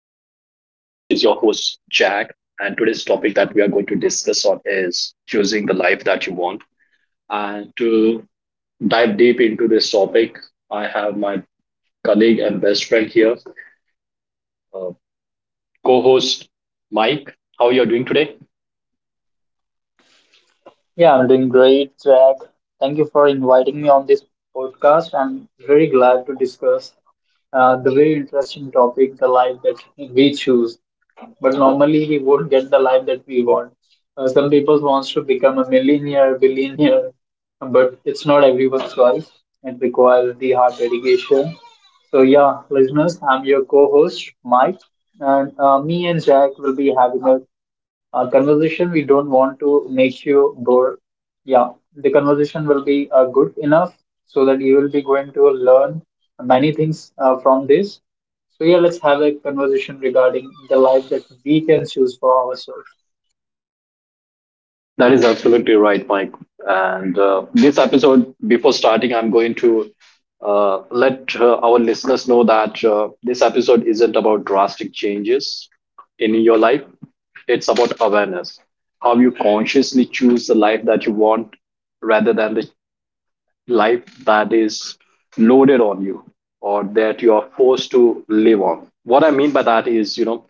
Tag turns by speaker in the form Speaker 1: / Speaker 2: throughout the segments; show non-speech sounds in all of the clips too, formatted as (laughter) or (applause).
Speaker 1: host, Jack. And today's topic that we are going to discuss on is choosing the life that you want. And to dive deep into this topic, I have my colleague and best friend here, uh, co host Mike. How are you doing today?
Speaker 2: Yeah, I'm doing great, Jack. Thank you for inviting me on this podcast. I'm very glad to discuss the very interesting topic, the life that we choose. But normally we won't get the life that we want. Some people wants to become a millionaire, billionaire, but it's not everyone's choice. It requires the hard dedication. So yeah, listeners, I'm your co-host Mike, and me and Jack will be having a conversation. We don't want to make you bored, yeah. The conversation will be good enough so that you will be going to learn many things from this. So yeah, let's have a conversation regarding the life that we can choose for ourselves.
Speaker 1: That is absolutely right, Mike. And this episode, before starting, I'm going to let our listeners know that this episode isn't about drastic changes in your life. It's about awareness, how you consciously choose the life that you want rather than the life that is loaded on you or that you are forced to live on. What I mean by that is,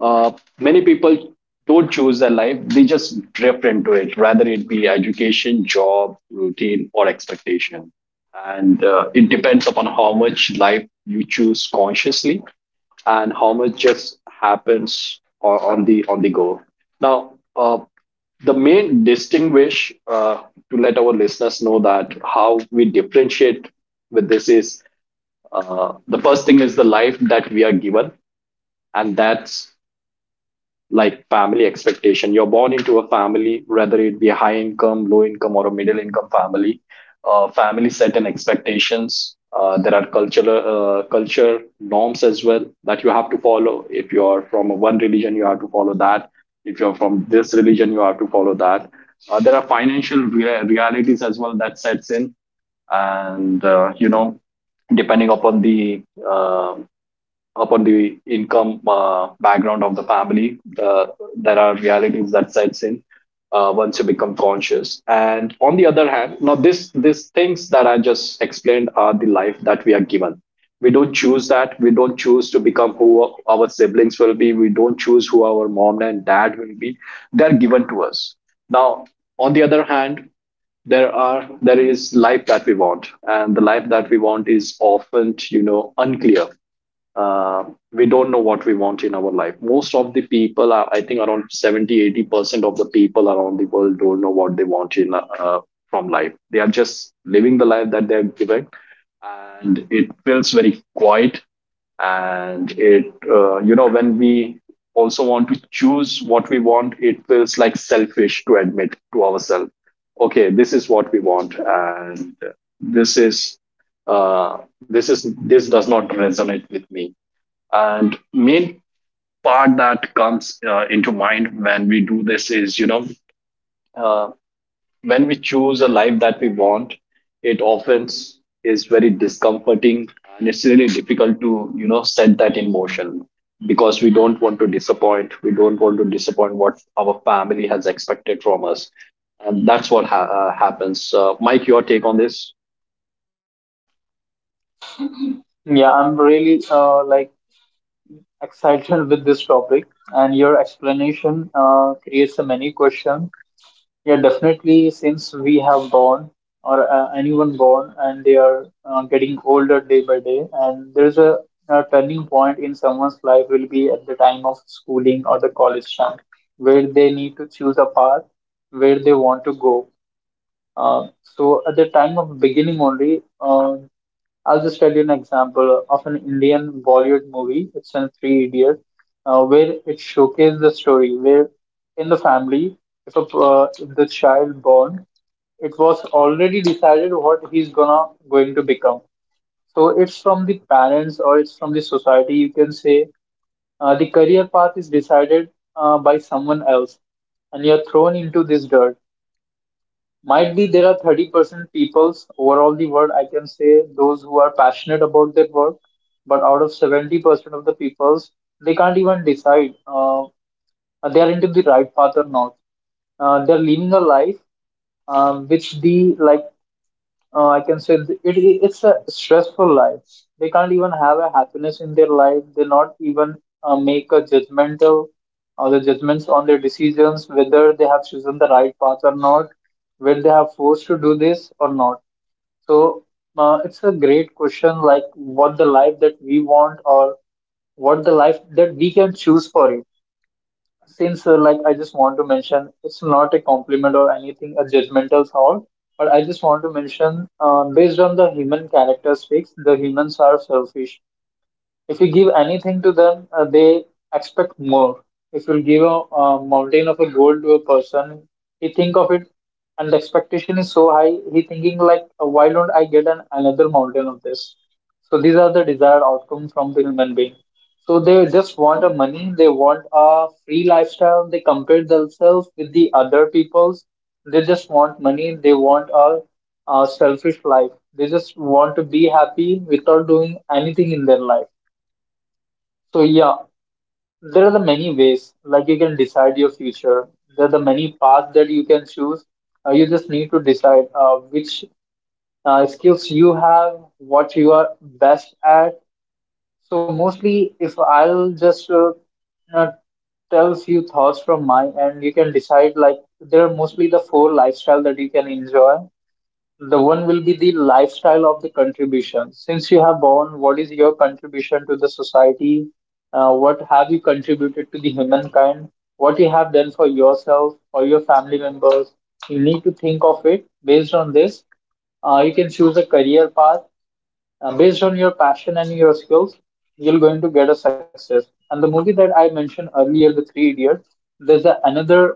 Speaker 1: uh, many people don't choose their life, they just drift into it, rather it be education, job, routine, or expectation. And it depends upon how much life you choose consciously, and how much just happens on the go. Now, the main distinguish to let our listeners know that how we differentiate with this is the first thing is the life that we are given, and that's like family expectation. You're born into a family, whether it be a high income, low income, or a middle income family. Family set an expectations. There are cultural culture norms as well that you have to follow. If you are from one religion, you have to follow that. If you're from this religion, you have to follow that. There are financial realities as well that sets in, and depending upon the um income background of the family, there are realities that sets in once you become conscious. And on the other hand, now this these things that I just explained are the life that we are given. We don't choose that. We don't choose to become who our siblings will be. We don't choose who our mom and dad will be. They are given to us. Now, on the other hand, there is life that we want, and the life that we want is often unclear uh, we don't know what we want in our life. Most of the people are, I think, around 70, 80% of the people around the world don't know what they want in from life. They are just living the life that they are given, and it feels very quiet. And it you know when we also want to choose what we want, it feels like selfish to admit to ourselves, okay, this is what we want, and this is this does not resonate with me. And main part that comes into mind when we do this is, uh, when we choose a life that we want, it often is very discomforting, and it's really difficult to, set that in motion, because we don't want to disappoint. We don't want to disappoint what our family has expected from us. And that's what happens. Mike, your take on this?
Speaker 2: Yeah, I'm really like excited (laughs) with this topic, and your explanation creates a many questions. Yeah, definitely. Since we have born, or anyone born, and they are getting older day by day, and there's a turning point in someone's life will be at the time of schooling or the college time, where they need to choose a path where they want to go. So at the time of beginning only, I'll just tell you an example of an Indian Bollywood movie. It's in Three Idiots, where it showcases the story where in the family, if a if the child born, it was already decided what he's gonna going to become. So it's from the parents or it's from the society. You can say the career path is decided by someone else, and you're thrown into this dirt. Might be there are 30% peoples overall the world, I can say, those who are passionate about their work, but out of 70% of the peoples, they can't even decide they are into the right path or not. They're living a life, which the like I can say it's a stressful life. They can't even have a happiness in their life. They not even make a judgmental or the judgments on their decisions, whether they have chosen the right path or not, whether they have forced to do this or not. So it's a great question, like what the life that we want or what the life that we can choose for it. Since like I just want to mention, it's not a compliment or anything, a judgmental thought, but I just want to mention based on the human characteristics, the humans are selfish. If you give anything to them, they expect more. If you give a mountain of a gold to a person, he think of it, and the expectation is so high. He thinking like, why don't I get an another mountain of this? So these are the desired outcomes from the human being. So they just want a money. They want a free lifestyle. They compare themselves with the other peoples. They just want money. They want a selfish life. They just want to be happy without doing anything in their life. So yeah, there are the many ways like you can decide your future. There are the many paths that you can choose. You just need to decide which skills you have, what you are best at. So mostly, if I'll just uh, tell few thoughts from my end, you can decide like there are mostly the four lifestyle that you can enjoy. The one will be the lifestyle of the contribution. Since you have born, what is your contribution to the society? What have you contributed to the humankind? What you have done for yourself or your family members? You need to think of it based on this. You can choose a career path based on your passion and your skills. You're going to get a success. And the movie that I mentioned earlier, The Three Idiots, there's another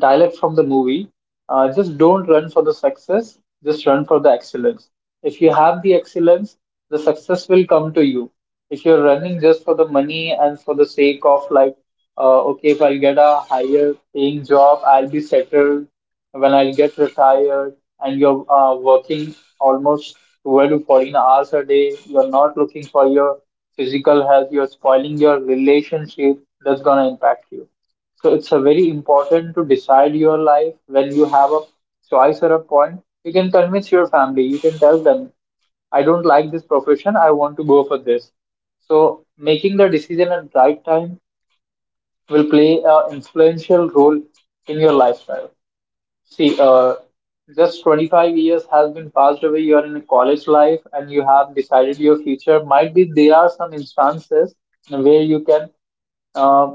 Speaker 2: dialect from the movie. Just don't run for the success, just run for the excellence. If you have the excellence, the success will come to you. If you're running just for the money and for the sake of, like, okay, if I'll get a higher paying job, I'll be settled when I'll get retired, and you're working almost 12 to 14 hours a day, you're not looking for your physical health, you're spoiling your relationship, that's gonna impact you. So it's a very important to decide your life when you have a choice or a point. You can convince your family. You can tell them, I don't like this profession. I want to go for this. So making the decision at right time will play an influential role in your lifestyle. See, just 25 years has been passed away. You are in a college life and you have decided your future. Might be there are some instances where you can uh,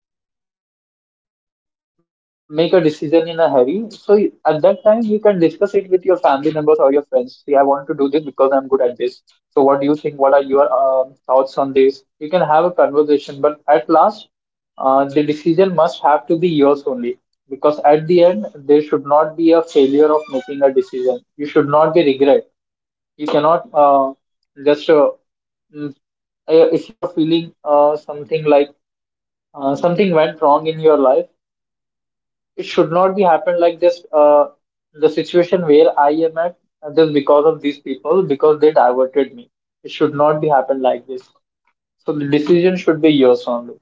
Speaker 2: make a decision in a hurry. So at that time, you can discuss it with your family members or your friends. See, I want to do this because I'm good at this. So what do you think? What are your thoughts on this? You can have a conversation, but at last the decision must have to be yours only, because at the end there should not be a failure of making a decision. You should not be regret. You cannot just uh, mm, if you are feeling something like something went wrong in your life, it should not be happen like this. The situation where I am at, just because of these people, because they diverted me, it should not be happen like this. So the decision should be yours only.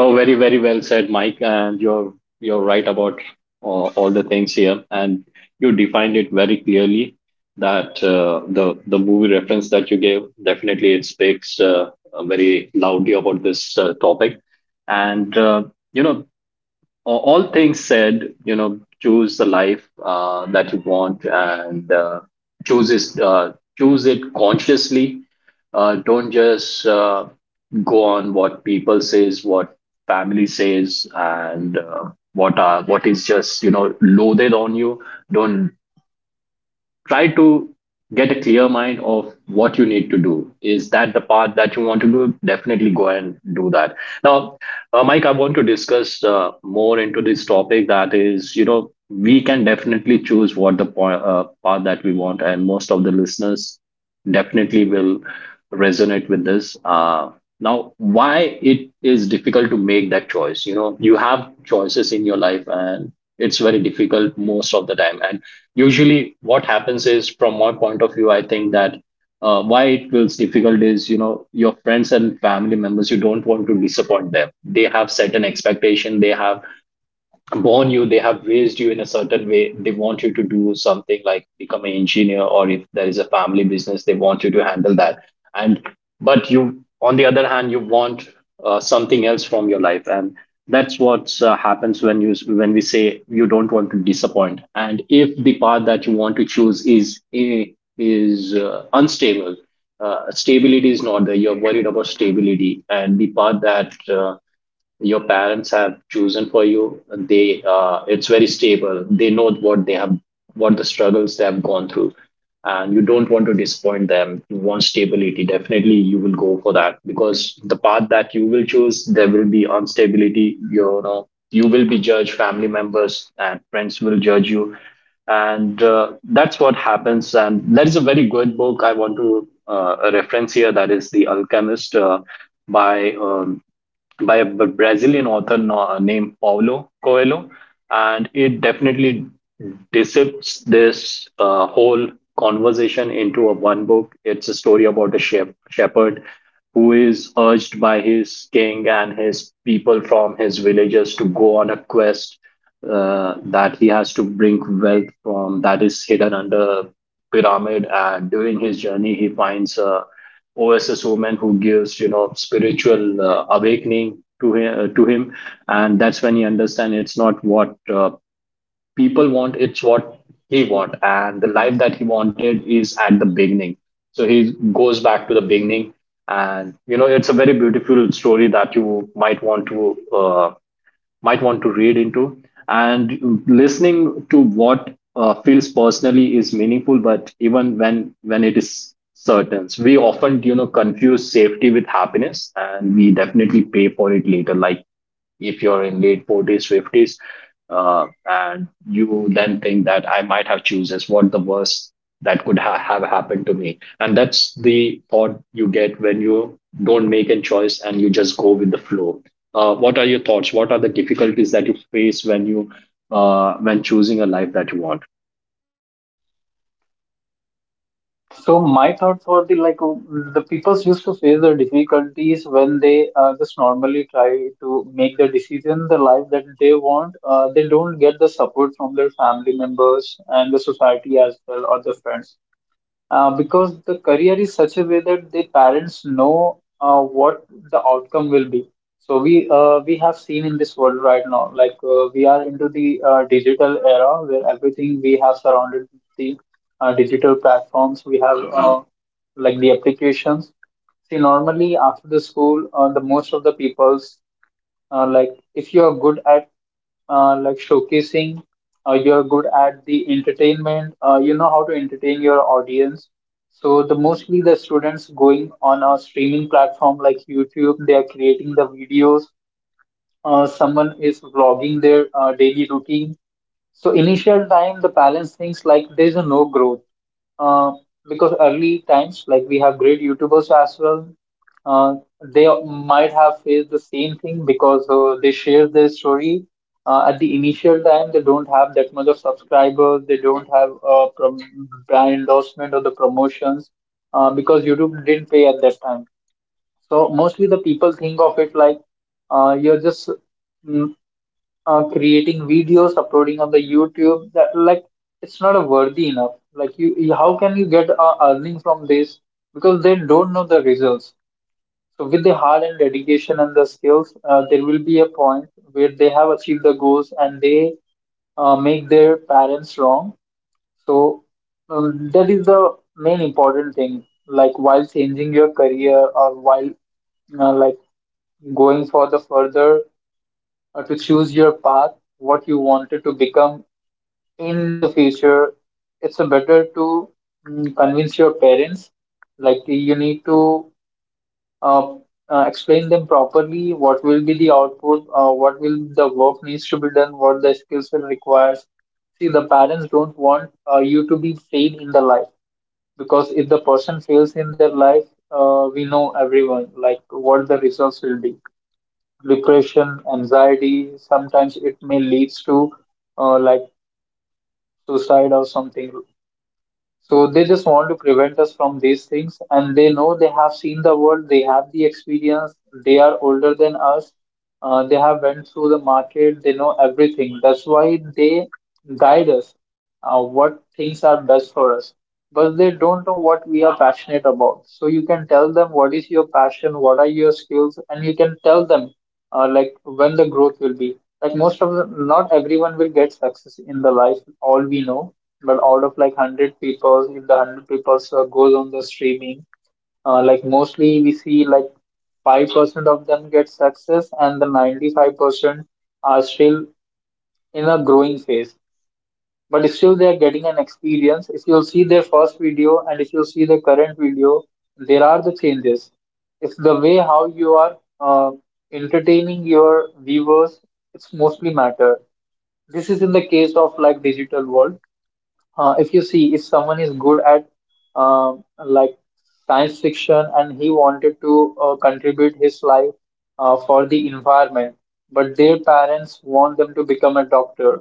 Speaker 1: Oh, very, very well said, Mike. And you're right about uh, all the things here, and you defined it very clearly. That the movie reference that you gave, definitely it speaks very loudly about this topic, and you know all things said, choose the life that you want, and choose it. Choose it consciously. Don't just go on what people says, what family says, and what is just loaded on you. Don't try to get a clear mind of what you need to do. Is that the part that you want to do? Definitely go and do that. Now, Mike, I want to discuss more into this topic. That is, we can definitely choose what the path that we want, and most of the listeners definitely will resonate with this. Now, why it is difficult to make that choice? You know, you have choices in your life, and it's very difficult most of the time. And usually, what happens is, from my point of view, I think that why it feels difficult is, your friends and family members, you don't want to disappoint them. They have certain expectation, they have born you, they have raised you in a certain way, they want you to do something like become an engineer, or if there is a family business, they want you to handle that. And but you, on the other hand, you want something else from your life, and that's what happens when you when we say you don't want to disappoint. And if the path that you want to choose is unstable. Stability is not there, you're worried about stability, and the path that your parents have chosen for you, they it's very stable. They know what they have what the struggles they have gone through, and you don't want to disappoint them. You want stability, definitely you will go for that, because the path that you will choose, there will be instability. You will be judged, family members and friends will judge you. And that's what happens. And that is a very good book I want to reference here, that is The Alchemist, by um, by a Brazilian author named Paulo Coelho, and it definitely dissects this whole conversation into a one book. It's a story about a shepherd who is urged by his king and his people from his villages to go on a quest, that he has to bring wealth from that is hidden under pyramid. And during his journey, he finds a OSS woman who gives spiritual awakening to him, and that's when he understands it's not what people want, it's what he want, and the life that he wanted is at the beginning. So he goes back to the beginning, and it's a very beautiful story that you might want to read into. And listening to what feels personally is meaningful, but even when it is certain, so we often confuse safety with happiness, and we definitely pay for it later. Like if you're in late 40s, 50s, and you then think that I might have chooses what the worst that could have happened to me, and that's the thought you get when you don't make a choice and you just go with the flow. What are your thoughts? What are the difficulties that you face when you when choosing a life that you want?
Speaker 2: So my thoughts were the like the peoples used to face the difficulties when they just normally try to make the decision the life that they want. They don't get the support from their family members and the society as well or the friends because the career is such a way that the parents know what the outcome will be. So we have seen in this world right now, like we are into the digital era where everything we have surrounded with the digital platforms. We have like the applications. See, normally after the school, the most of the people's like if you are good at like showcasing, you are good at the entertainment, you know how to entertain your audience. So the mostly the students going on a streaming platform like YouTube, they are creating the videos, someone is vlogging their daily routine. So initial time, the balance things like there's a no growth, uh, because early times, like we have great YouTubers as well. Uh, they might have faced the same thing because they share their story. At the initial time, they don't have that much of subscribers. They don't have brand endorsement or the promotions because YouTube didn't pay at that time. So mostly the people think of it like you're just mm, creating videos, uploading on the YouTube. That like it's not a worthy enough. Like how can you get earning from this? Because they don't know the results. So with the hard and dedication and the skills, there will be a point where they have achieved the goals and they make their parents wrong. So that is the main important thing. Like while changing your career or while like going for the further to choose your path, what you wanted to become in the future. It's a better to convince your parents. Like you need to uh, explain them properly what will be the output, what will the work needs to be done, what the skills will requires. See, the parents don't want you to be failed in the life, because if the person fails in their life, we know everyone like what the results will be: depression, anxiety. Sometimes it may leads to like suicide or something. So they just want to prevent us from these things, and they know they have seen the world, they have the experience, they are older than us, they have went through the market, they know everything. That's why they guide us what things are best for us. But they don't know what we are passionate about. So you can tell them what is your passion, what are your skills, and you can tell them like when the growth will be. Like most of them, not everyone will get success in the life. All we know. But out of like 100 people, if the 100 people goes on the streaming, like mostly we see like 5% of them get success, and the 95% are still in a growing phase. But still they are getting an experience. If you'll see their first video and if you'll see the current video, there are the changes. It's the way how you are entertaining your viewers. It's mostly matter. This is in the case of like digital world. If you see, if someone is good at like science fiction and he wanted to contribute his life for the environment, but their parents want them to become a doctor.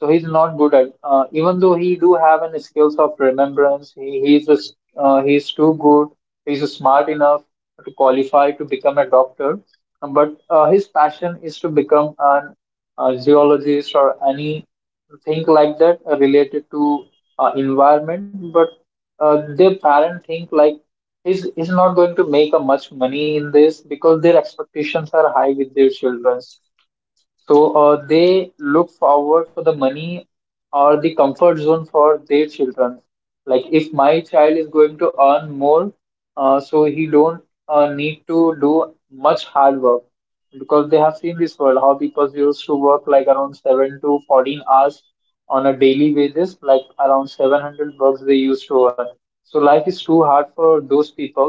Speaker 2: So he's not good at, even though he do have an skills of remembrance, he's too good, he's smart enough to qualify to become a doctor. But his passion is to become an a zoologist or anything like that related to environment. But their parent think like he's not going to make a much money in this because their expectations are high with their children. So they look forward for the money or the comfort zone for their children. Like if my child is going to earn more, so he don't need to do much hard work, because they have seen this world how people used to work like around 7 to 14 hours on a daily basis, like around 700 bucks they used to earn. So life is too hard for those people.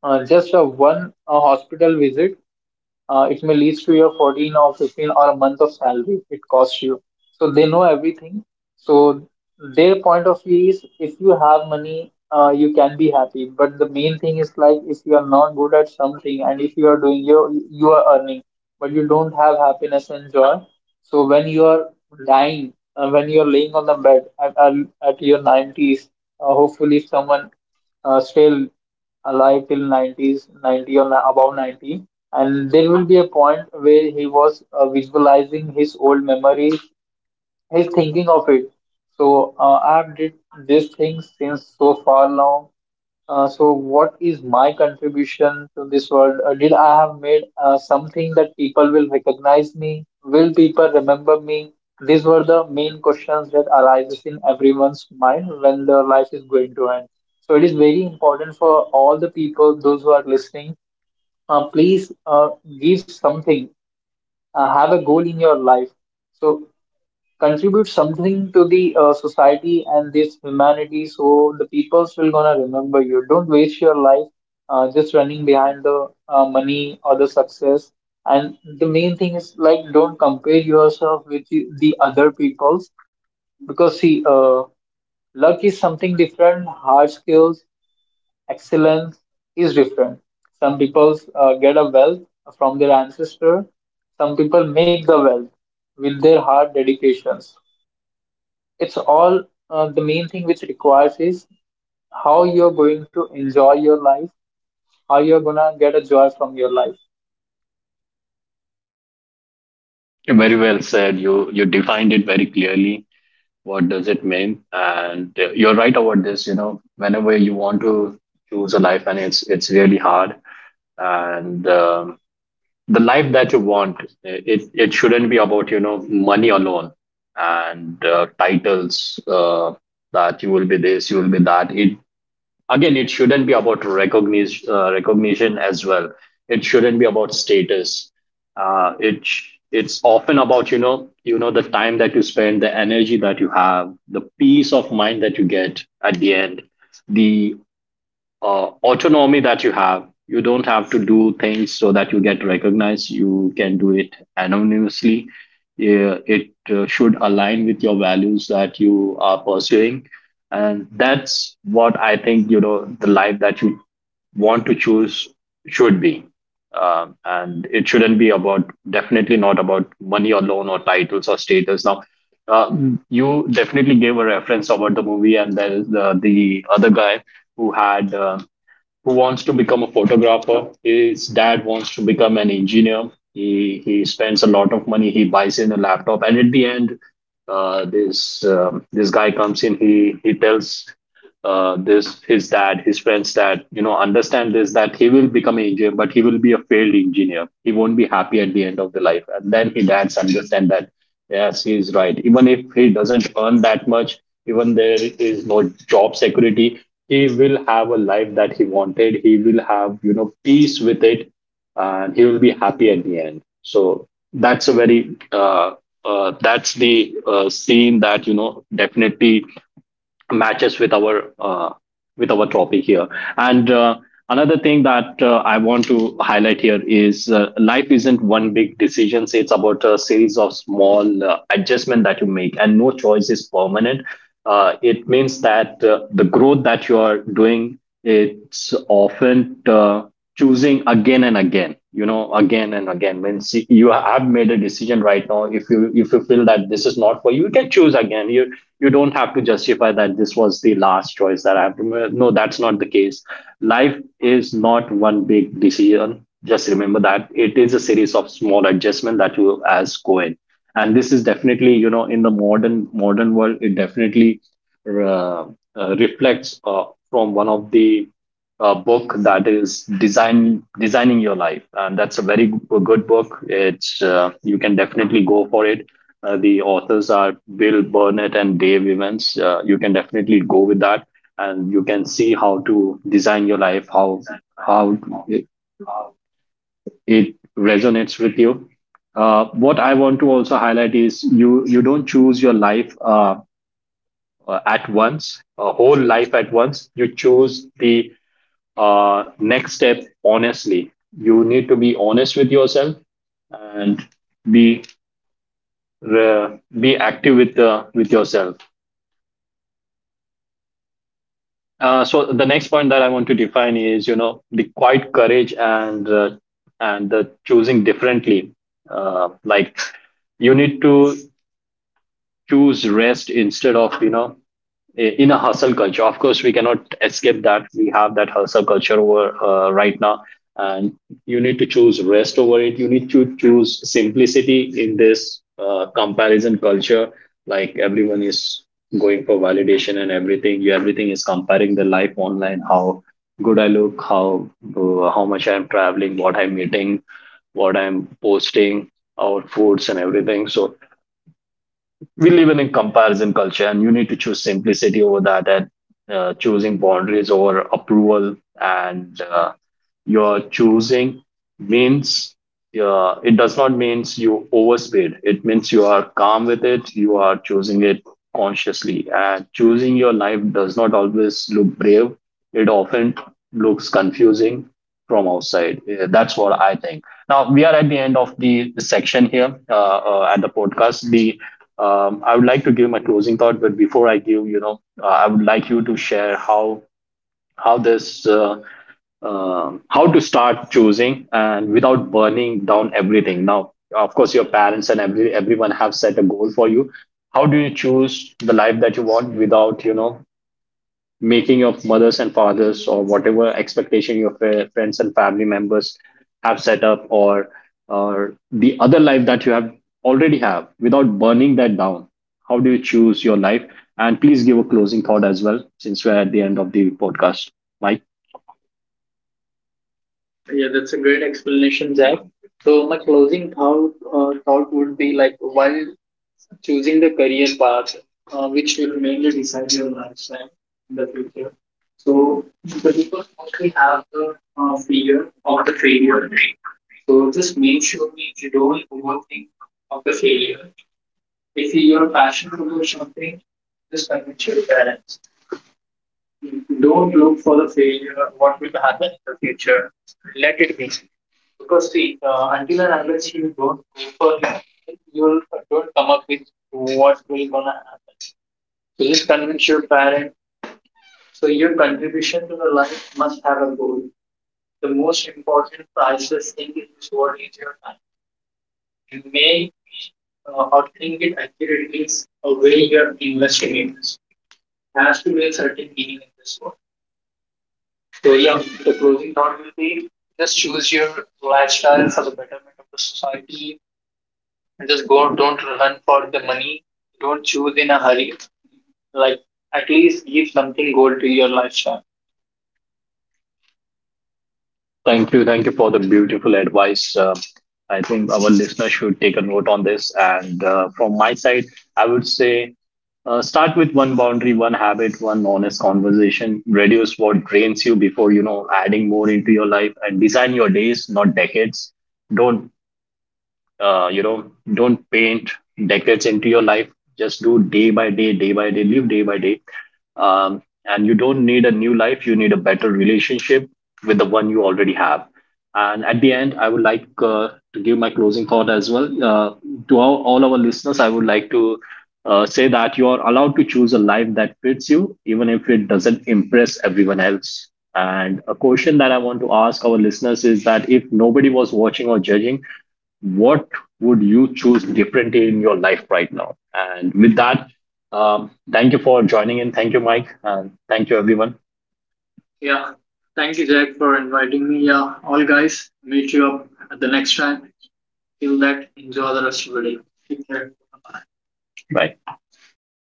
Speaker 2: Just a one hospital visit, it may lead to your 14 or 15 or a month of salary it costs you. So they know everything. So their point of view is, if you have money, you can be happy. But the main thing is like, if you are not good at something and if you are doing you are earning, but you don't have happiness and joy. So when you are lying, when you are laying on the bed at your 90s, hopefully if someone still alive till 90s, 90 or above 90, and there will be a point where he was visualizing his old memories. He's thinking of it. So I've did this thing since so far long. So what is my contribution to this world? Did I have made something that people will recognize me? Will people remember me? These were the main questions that arises in everyone's mind when their life is going to end. So it is very important for all the people, those who are listening, please give something, have a goal in your life. So contribute something to the society and this humanity, so the peoples will gonna remember. You don't waste your life just running behind the money or the success. And the main thing is like, don't compare yourself with the other peoples, because see, luck is something different. Hard skills, excellence is different. Some peoples get a wealth from their ancestor, some people make the wealth with their hard dedications. It's all the main thing which requires is how you're going to enjoy your life, how you're gonna get a joy from your life.
Speaker 1: Very well said. You defined it very clearly. What does it mean? And you're right about this. You know, whenever you want to choose a life, and it's really hard. And the life that you want, it shouldn't be about money alone, and titles that you will be this, you will be that. It, again, it shouldn't be about recognition, as well. It shouldn't be about status. It's often about the time that you spend, the energy that you have, the peace of mind that you get at the end, the autonomy that you have. You don't have to do things so that you get recognized. You can do it anonymously. Yeah, it should align with your values that you are pursuing. And that's what I think, the life that you want to choose should be and it shouldn't be about, definitely not about, money alone, or titles, or status. Now uh, you definitely gave a reference about the movie, and there is the other guy who had uh, who wants to become a photographer. His dad wants to become an engineer. He spends a lot of money. He buys in a laptop, and at the end, this guy comes in. He tells this his dad, his friends, that understand this, that he will become an engineer, but he will be a failed engineer. He won't be happy at the end of the life, and then his dads understand that yes, he is right. Even if he doesn't earn that much, even there is no job security, he will have a life that he wanted. He will have peace with it, and he will be happy at the end. So that's a very that's the scene that definitely matches with our topic here. And Another thing that I want to highlight here is life isn't one big decision. It's about a series of small adjustment that you make, and no choice is permanent. It means that the growth that you are doing, it's often choosing again and again, again and again. When see, you have made a decision right now, if you feel that this is not for you, you can choose again. You don't have to justify that this was the last choice that I have to make. No, that's not the case. Life is not one big decision, just remember that it is a series of small adjustments that you as go in, and this is definitely in the modern world. It definitely uh, reflects from one of the book that is designing your life, and that's a very good book. It's you can definitely go for it. The authors are Bill Burnett and Dave Evans. You can definitely go with that, and you can see how to design your life, how it it resonates with you. What I want to also highlight is you don't choose your life at once, a whole life at once. You choose the next step honestly. You need to be honest with yourself, and be be active with the with yourself. So the next point that I want to define is the quiet courage and the choosing differently. Like you need to choose rest instead of, you know, in a hustle culture. Of course, we cannot escape that. We have that hustle culture over, right now, and you need to choose rest over it. You need to choose simplicity in this comparison culture. Like everyone is going for validation and everything. You, everything is comparing the life online. How good I look. How much I am traveling. What I'm eating. What I'm posting. Our foods and everything. So we live in a comparison culture and you need to choose simplicity over that, and choosing boundaries over approval, and your choosing means it does not means you overspeed, it means you are calm with it, you are choosing it consciously. And choosing your life does not always look brave, it often looks confusing from outside. That's what I think. Now we are at the end of the section here, at the podcast. The I would like to give my closing thought, but before I give, you know, I would like you to share how this how to start choosing, and without burning down everything. Now, of course, your parents and everyone have set a goal for you. How do you choose the life that you want without, you know, making your mothers and fathers or whatever expectation your friends and family members have set up, or the other life that you have already have, without burning that down? How do you choose your life? And please give a closing thought as well, since we're at the end of the podcast, Mike. Thank you. Thank you for the beautiful advice. I think our listeners should take a note on this. And From my side, I would say start with one boundary, one habit, one honest conversation. Reduce what drains you before, you know, adding more into your life, and design your days, not decades. Don't you know don't paint decades into your life. Just do day by day, day by day, live day by day. And you don't need a new life, you need a better relationship with the one you already have. And at the end, I would like to give my closing thought as well. To all our listeners, I would like to say that you are allowed to choose a life that fits you, even if it doesn't impress everyone else. And a question that I want to ask our listeners is that, if nobody was watching or judging, what would you choose differently in your life right now? And with that, thank you for joining in. Thank you, Mike. And thank you, everyone. Bye.